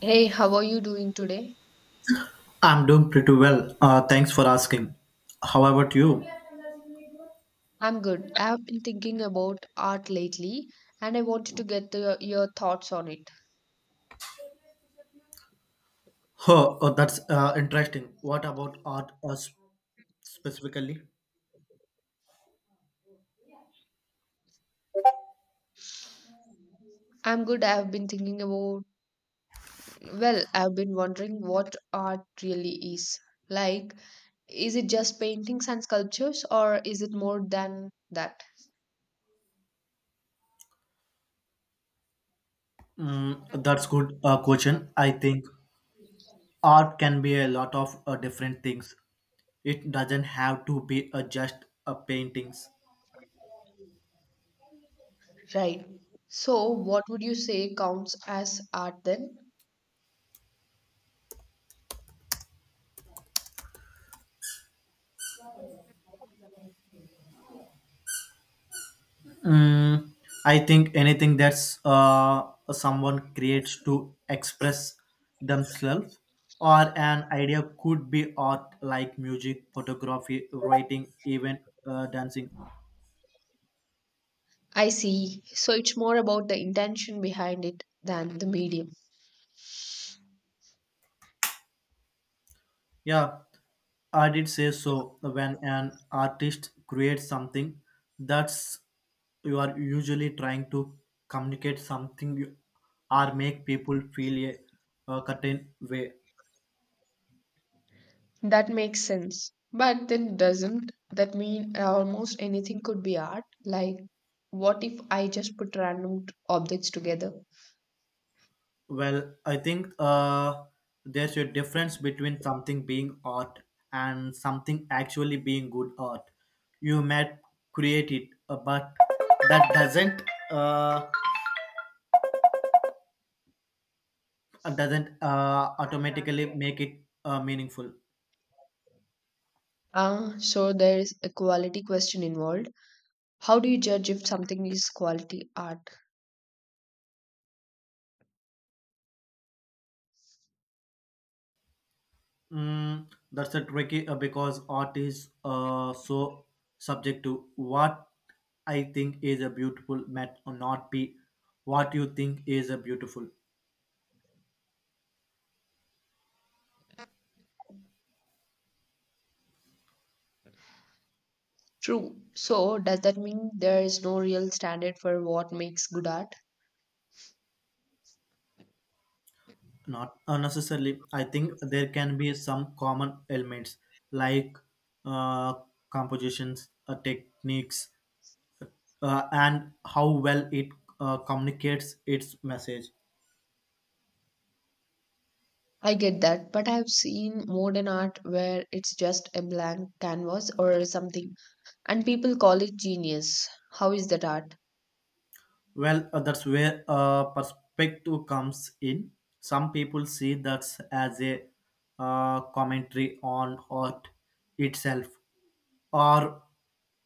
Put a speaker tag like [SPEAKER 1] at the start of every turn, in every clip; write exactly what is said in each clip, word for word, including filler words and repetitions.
[SPEAKER 1] Hey, how are you doing today?
[SPEAKER 2] I'm doing pretty well. Uh, thanks for asking. How about you?
[SPEAKER 1] I'm good. I have been thinking about art lately and I wanted to get the, your thoughts on it.
[SPEAKER 2] Huh, oh, that's uh, interesting. What about art uh, s- specifically?
[SPEAKER 1] I'm good. I have been thinking about, well, I've been wondering what art really is. Like, is it just paintings and sculptures or is it more than that?
[SPEAKER 2] Mm, that's good uh, question. I think art can be a lot of uh, different things. It doesn't have to be uh, just uh, paintings.
[SPEAKER 1] Right. So, what would you say counts as art then?
[SPEAKER 2] Mm, I think anything that's uh, someone creates to express themselves or an idea could be art like music, photography, writing, even uh, dancing.
[SPEAKER 1] I see. So, it's more about the intention behind it than the medium.
[SPEAKER 2] Yeah, I did say so. When an artist creates something, that's you are usually trying to communicate something you- Or make people feel a, a certain way.
[SPEAKER 1] That makes sense. But then doesn't that mean almost anything could be art? Like, what if I just put random t- objects together?
[SPEAKER 2] Well, I think uh, there's a difference between something being art and something actually being good art. You might create it, uh, but that doesn't uh, uh, doesn't uh, automatically make it uh, meaningful.
[SPEAKER 1] Ah, so there is a quality question involved. How do you judge if something is quality art?
[SPEAKER 2] Mm, that's a tricky uh, because art is uh, so subject to what I think is a beautiful might or not be what you think is a beautiful.
[SPEAKER 1] True. So does that mean there is no real standard for what makes good art?
[SPEAKER 2] Not unnecessarily. I think there can be some common elements like uh, compositions uh, techniques uh, and how well it uh, communicates its message.
[SPEAKER 1] I get that, but I've seen modern art where it's just a blank canvas or something, and people call it genius. How is that art?
[SPEAKER 2] Well uh, that's where uh, perspective comes in. Some people see that as a uh, commentary on art itself or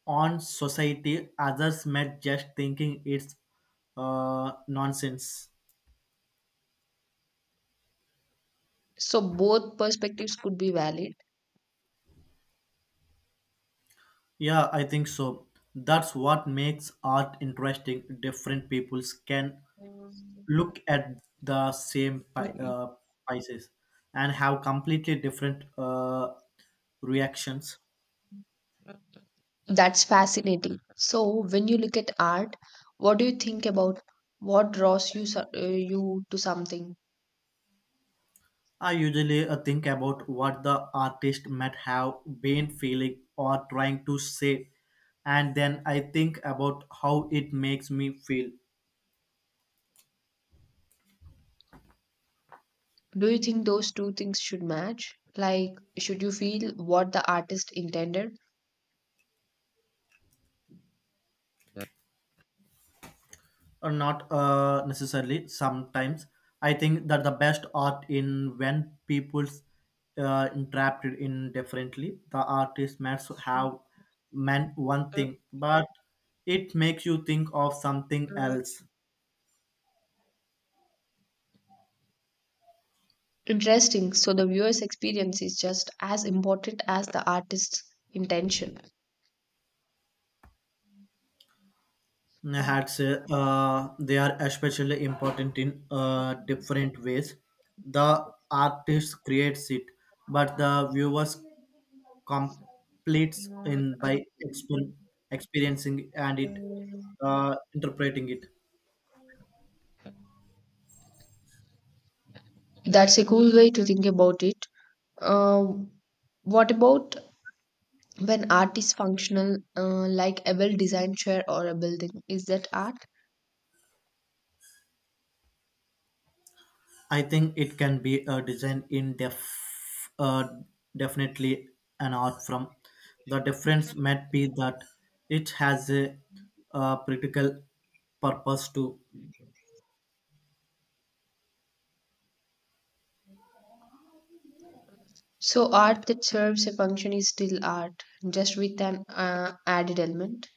[SPEAKER 2] on society. Others may just thinking it's uh, nonsense.
[SPEAKER 1] So both perspectives could be valid.
[SPEAKER 2] Yeah, I think so. That's what makes art interesting. Different peoples can look at the same pi- uh, pieces and have completely different uh, reactions.
[SPEAKER 1] That's fascinating. So when you look at art, what do you think about what draws you so- uh, you to something?
[SPEAKER 2] I usually uh, think about what the artist might have been feeling or trying to say, and then I think about how it makes me feel.
[SPEAKER 1] Do you think those two things should match? Like, should you feel what the artist intended?
[SPEAKER 2] Or not uh, necessarily. Sometimes I think that the best art in when people's uh, interpreted indifferently. The artist might have meant one thing, but it makes you think of something else.
[SPEAKER 1] Interesting. So the viewer's experience is just as important as the artist's intention.
[SPEAKER 2] Hacks uh, they are especially important in uh, different ways. The artist creates it, but the viewers completes in by exper- experiencing and it uh, interpreting it.
[SPEAKER 1] That's a cool way to think about it. Uh, what about when art is functional, uh, like a well designed chair or a building? Is that art?
[SPEAKER 2] I think it can be a design in def- uh, definitely an art from. The difference might be that it has a, uh, practical purpose too.
[SPEAKER 1] So, art that serves a function is still art, just with an uh, added element.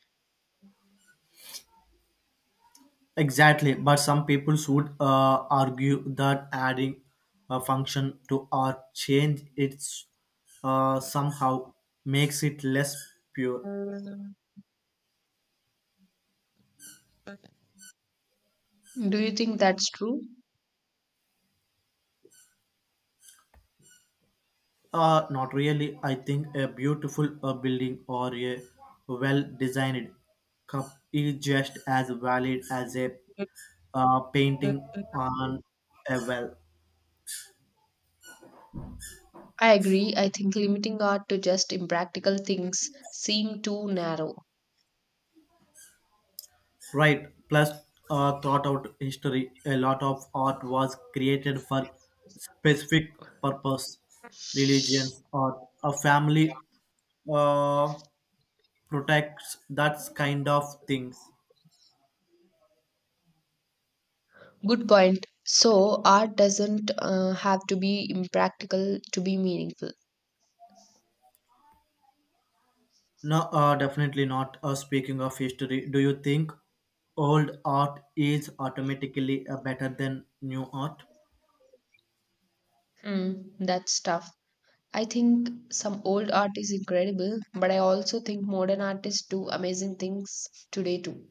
[SPEAKER 2] Exactly, but some people would uh, argue that adding a function to or change its uh, somehow makes it less pure.
[SPEAKER 1] Do you think that's true?
[SPEAKER 2] Uh, not really. I think a beautiful uh, building or a well-designed cup is just as valid as a uh, painting on a well.
[SPEAKER 1] I agree. I think limiting art to just impractical things seem too narrow.
[SPEAKER 2] Right. Plus, uh, thought out history. A lot of art was created for specific purpose, religion, or a family uh, protects that kind of things.
[SPEAKER 1] Good point. So, art doesn't uh, have to be impractical to be meaningful.
[SPEAKER 2] No, uh, definitely not. Uh, speaking of history, do you think old art is automatically uh, better than new art?
[SPEAKER 1] Mm, that's tough. I think some old art is incredible, but I also think modern artists do amazing things today too.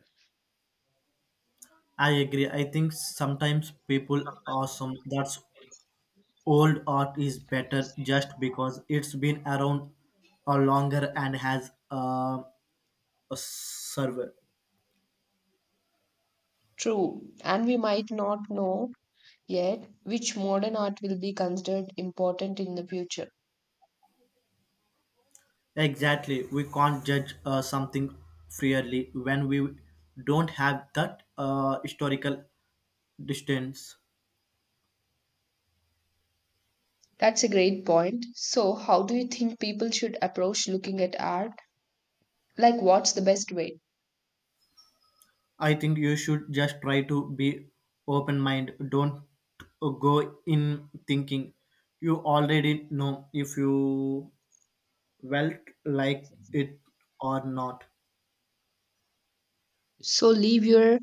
[SPEAKER 2] I agree. I think sometimes people assume that's old art is better just because it's been around a longer and has uh, a server.
[SPEAKER 1] True, and we might not know yet which modern art will be considered important in the future.
[SPEAKER 2] Exactly. We can't judge uh, something fairly when we don't have that uh, historical distance.
[SPEAKER 1] That's a great point. So, how do you think people should approach looking at art? Like, what's the best way?
[SPEAKER 2] I think you should just try to be open mind. Don't uh, go in thinking you already know if you felt like it or not.
[SPEAKER 1] So, leave your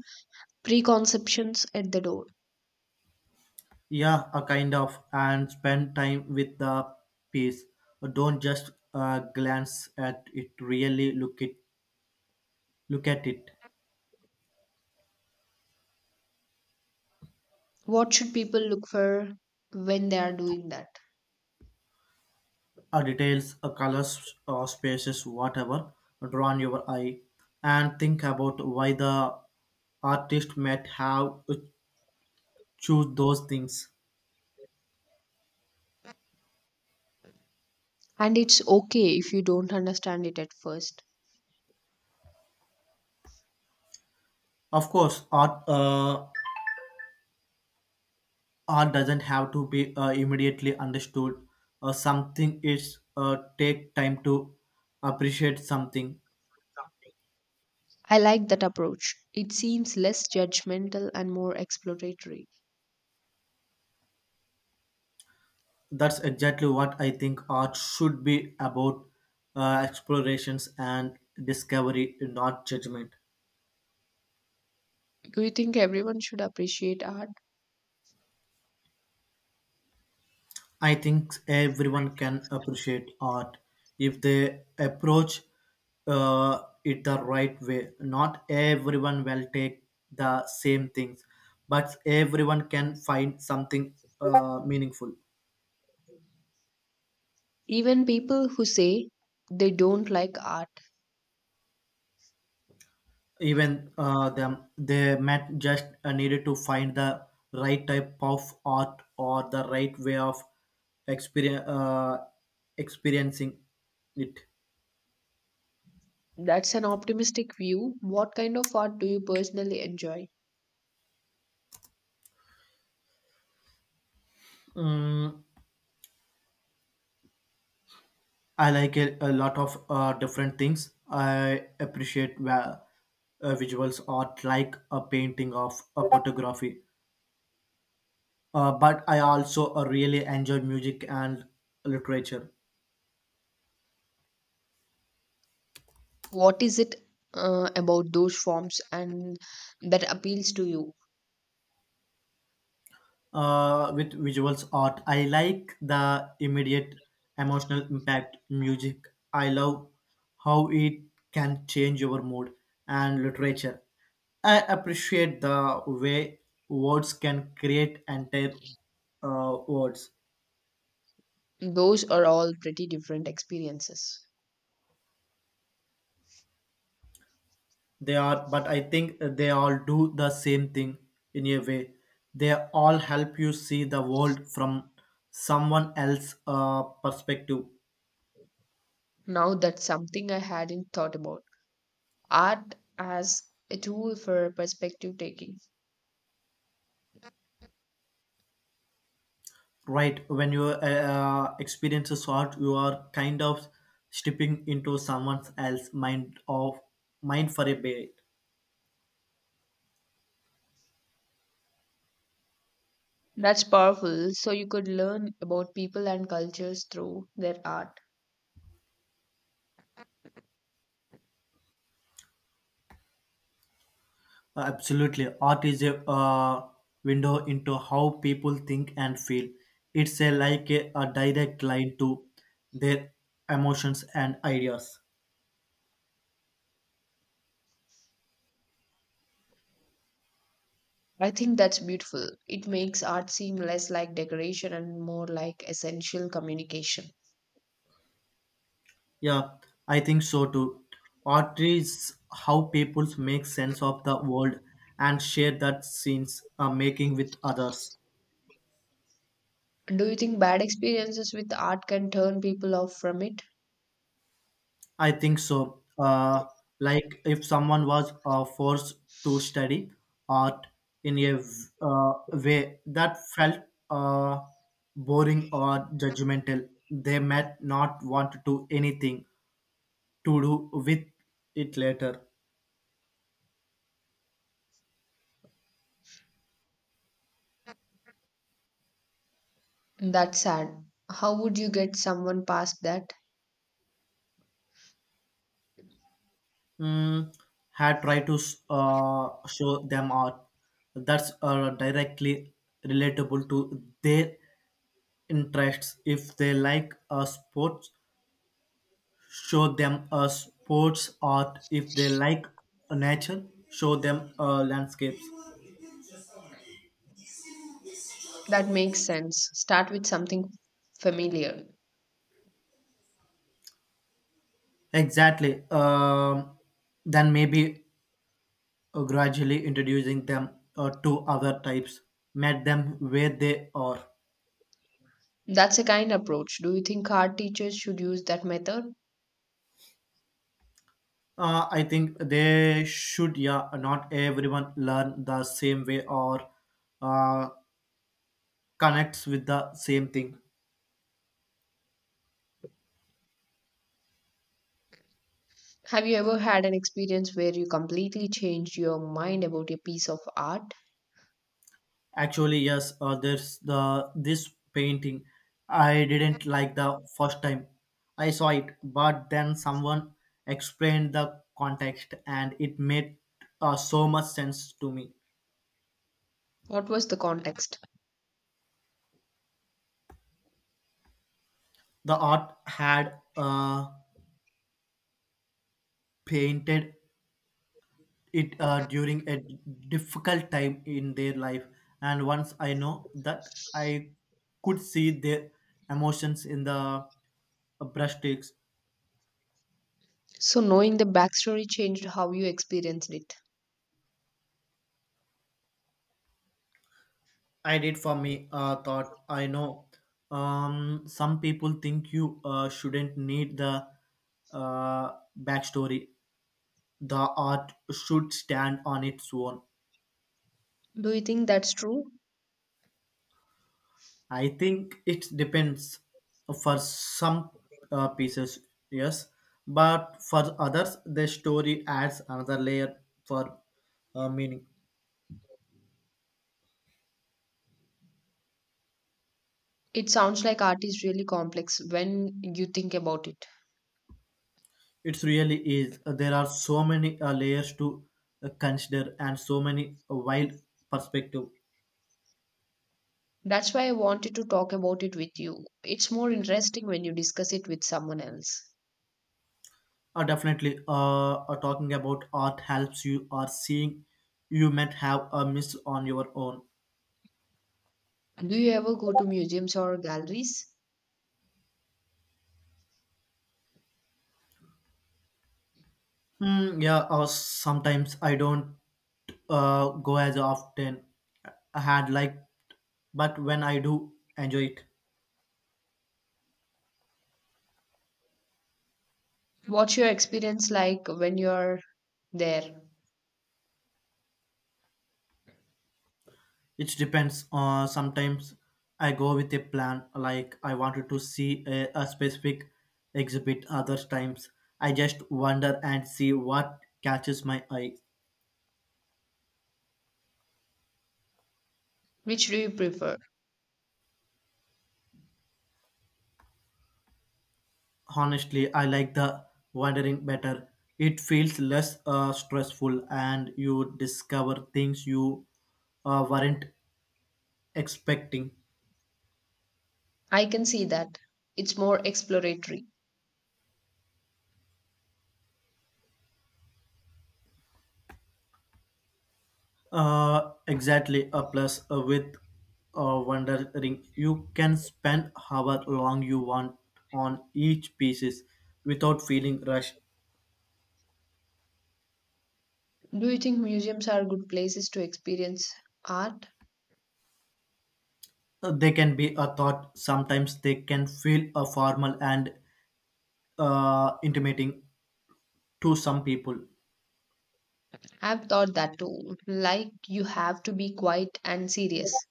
[SPEAKER 1] preconceptions at the door.
[SPEAKER 2] Yeah, a kind of, and spend time with the piece. Don't just uh, glance at it. Really look it, look at it.
[SPEAKER 1] What should people look for when they are doing that?
[SPEAKER 2] Uh, details, uh, colors, uh, spaces, whatever, draw on your eye, and think about why the artist might have choose those things.
[SPEAKER 1] And it's okay if you don't understand it at first.
[SPEAKER 2] Of course, art uh, art doesn't have to be uh, immediately understood. Uh, something is uh, take time to appreciate something.
[SPEAKER 1] I like that approach. It seems less judgmental and more exploratory.
[SPEAKER 2] That's exactly what I think art should be about, uh, explorations and discovery, not judgment.
[SPEAKER 1] Do you think everyone should appreciate art?
[SPEAKER 2] I think everyone can appreciate art if they approach uh, it the right way. Not everyone will take the same things, but everyone can find something uh, meaningful.
[SPEAKER 1] Even people who say they don't like art.
[SPEAKER 2] Even uh, them, they met just uh, needed to find the right type of art or the right way of experience, uh, experiencing it.
[SPEAKER 1] That's an optimistic view. What kind of art do you personally enjoy?
[SPEAKER 2] Mm, I like a, a lot of uh, different things. I appreciate va- uh, visuals art like a painting of a photography. Uh, but I also uh, really enjoy music and literature.
[SPEAKER 1] What is it uh, about those forms and that appeals to you?
[SPEAKER 2] Uh, with visuals art. I like the immediate emotional impact music. I love how it can change your mood and literature. I appreciate the way words can create entire uh, words.
[SPEAKER 1] Those are all pretty different experiences.
[SPEAKER 2] They are, but I think they all do the same thing in a way. They all help you see the world from someone else's uh, perspective.
[SPEAKER 1] Now that's something I hadn't thought about. Art as a tool for perspective taking.
[SPEAKER 2] Right, when your uh, uh, experience is short, you are kind of stepping into someone else's mind of mind for a bit.
[SPEAKER 1] That's powerful. So you could learn about people and cultures through their art.
[SPEAKER 2] Uh, absolutely, art is a uh, window into how people think and feel. It's a like a, a direct line to their emotions and ideas.
[SPEAKER 1] I think that's beautiful. It makes art seem less like decoration and more like essential communication.
[SPEAKER 2] Yeah, I think so too. Art is how people make sense of the world and share that scenes are making with others.
[SPEAKER 1] Do you think bad experiences with art can turn people off from it?
[SPEAKER 2] I think so. Uh, like if someone was uh, forced to study art in a v- uh, way that felt uh, boring or judgmental, they might not want to anything to do with it later.
[SPEAKER 1] That's sad. How would you get someone past that?
[SPEAKER 2] Mm, Had tried to s- uh, show them art that's uh, directly relatable to their interests. If they like uh, sports, show them a sports art. If they like nature, show them uh, landscapes.
[SPEAKER 1] That makes sense. Start with something familiar.
[SPEAKER 2] Exactly. Um, then maybe uh, gradually introducing them uh, to other types. Met them where they are.
[SPEAKER 1] That's a kind approach. Do you think art teachers should use that method?
[SPEAKER 2] uh, I think they should, yeah. Not everyone learn the same way or uh, connects with the same thing.
[SPEAKER 1] Have you ever had an experience where you completely changed your mind about a piece of art?
[SPEAKER 2] Actually, yes, uh, there's the this painting I didn't like the first time I saw it, but then someone explained the context and it made uh, so much sense to me.
[SPEAKER 1] What was the context?
[SPEAKER 2] The art had uh, painted it uh, during a difficult time in their life, and once I know that I could see their emotions in the brushstrokes.
[SPEAKER 1] So, knowing the backstory changed how you experienced it.
[SPEAKER 2] I did for me uh, thought I know. Um, some people think you uh, shouldn't need the uh, backstory. The art should stand on its own.
[SPEAKER 1] Do you think that's true?
[SPEAKER 2] I think it depends. For some uh, pieces, yes, but for others, the story adds another layer for uh, meaning.
[SPEAKER 1] It sounds like art is really complex when you think about it.
[SPEAKER 2] It really is. There are so many uh, layers to uh, consider and so many uh, wild perspective.
[SPEAKER 1] That's why I wanted to talk about it with you. It's more interesting when you discuss it with someone else.
[SPEAKER 2] Uh, definitely, uh, uh, talking about art helps you or seeing you might have a miss on your own.
[SPEAKER 1] Do you ever go to museums or galleries?
[SPEAKER 2] Hmm, yeah, uh, sometimes I don't uh, go as often I had liked, but when I do enjoy it,
[SPEAKER 1] What's your experience like when you're there?
[SPEAKER 2] it depends. Uh, sometimes I go with a plan, like I wanted to see a, a specific exhibit. Other times I just wander and see what catches my eye.
[SPEAKER 1] Which do you prefer?
[SPEAKER 2] Honestly, I like the wandering better. It feels less uh, stressful and you discover things you uh, weren't expecting.
[SPEAKER 1] I can see that. It's more exploratory.
[SPEAKER 2] Uh, exactly, a plus uh, with uh, wandering. You can spend however long you want on each pieces without feeling rushed.
[SPEAKER 1] Do you think museums are good places to experience art?
[SPEAKER 2] Uh, They can be a thought, sometimes they can feel a formal and uh, intimating to some people.
[SPEAKER 1] I've thought that too. Like, you have to be quiet and serious.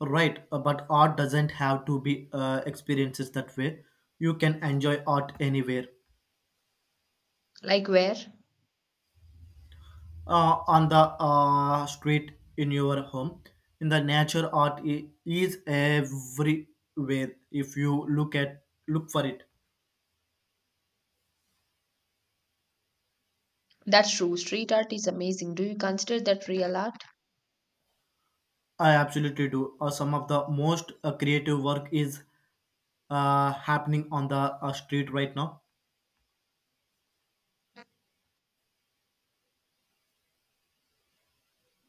[SPEAKER 2] Right, uh, but art doesn't have to be uh, experiences that way. You can enjoy art anywhere,
[SPEAKER 1] Like, where?
[SPEAKER 2] uh, on the uh, street, in your home, in the nature. Art i- is everywhere if you look at look for it.
[SPEAKER 1] That's true. Street art is amazing. Do you consider that real art?
[SPEAKER 2] I absolutely do. Uh, some of the most uh, creative work is uh, happening on the uh, street right now.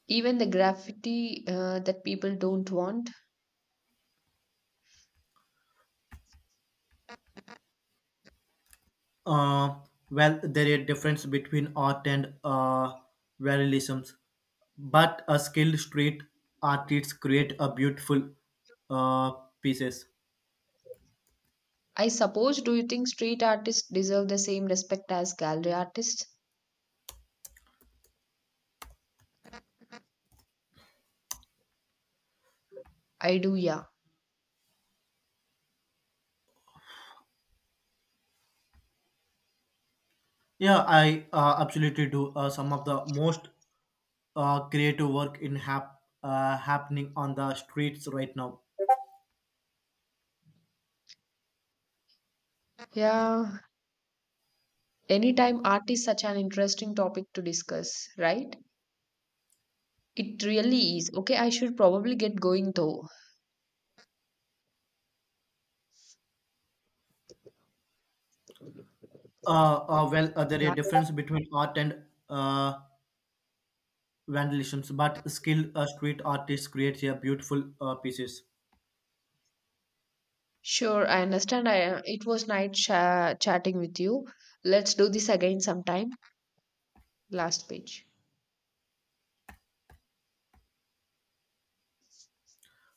[SPEAKER 1] Even the graffiti uh, that people don't want?
[SPEAKER 2] Uh, well, there is a difference between art and uh, realism, but a skilled street artist create a beautiful uh, pieces.
[SPEAKER 1] I suppose, do you think street artists deserve the same respect as gallery artists? I do, yeah.
[SPEAKER 2] Yeah, I uh, absolutely do. Uh, some of the most uh, creative work in hap- uh, happening on the streets right now.
[SPEAKER 1] Yeah. Anytime art is such an interesting topic to discuss, right? It really is. Okay, I should probably get going though.
[SPEAKER 2] Uh, uh, well, uh, there is
[SPEAKER 1] Yeah.
[SPEAKER 2] a difference between art and uh, vandalisms, but skilled uh, street artists create a beautiful uh, pieces.
[SPEAKER 1] Sure, I understand. I, it was nice cha- chatting with you. Let's do this again sometime. Last page.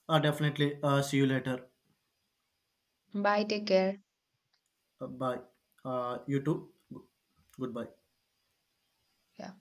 [SPEAKER 2] Uh, definitely. Uh, see you later.
[SPEAKER 1] Bye, take care.
[SPEAKER 2] Uh, bye. Uh, you too. Goodbye.
[SPEAKER 1] Yeah.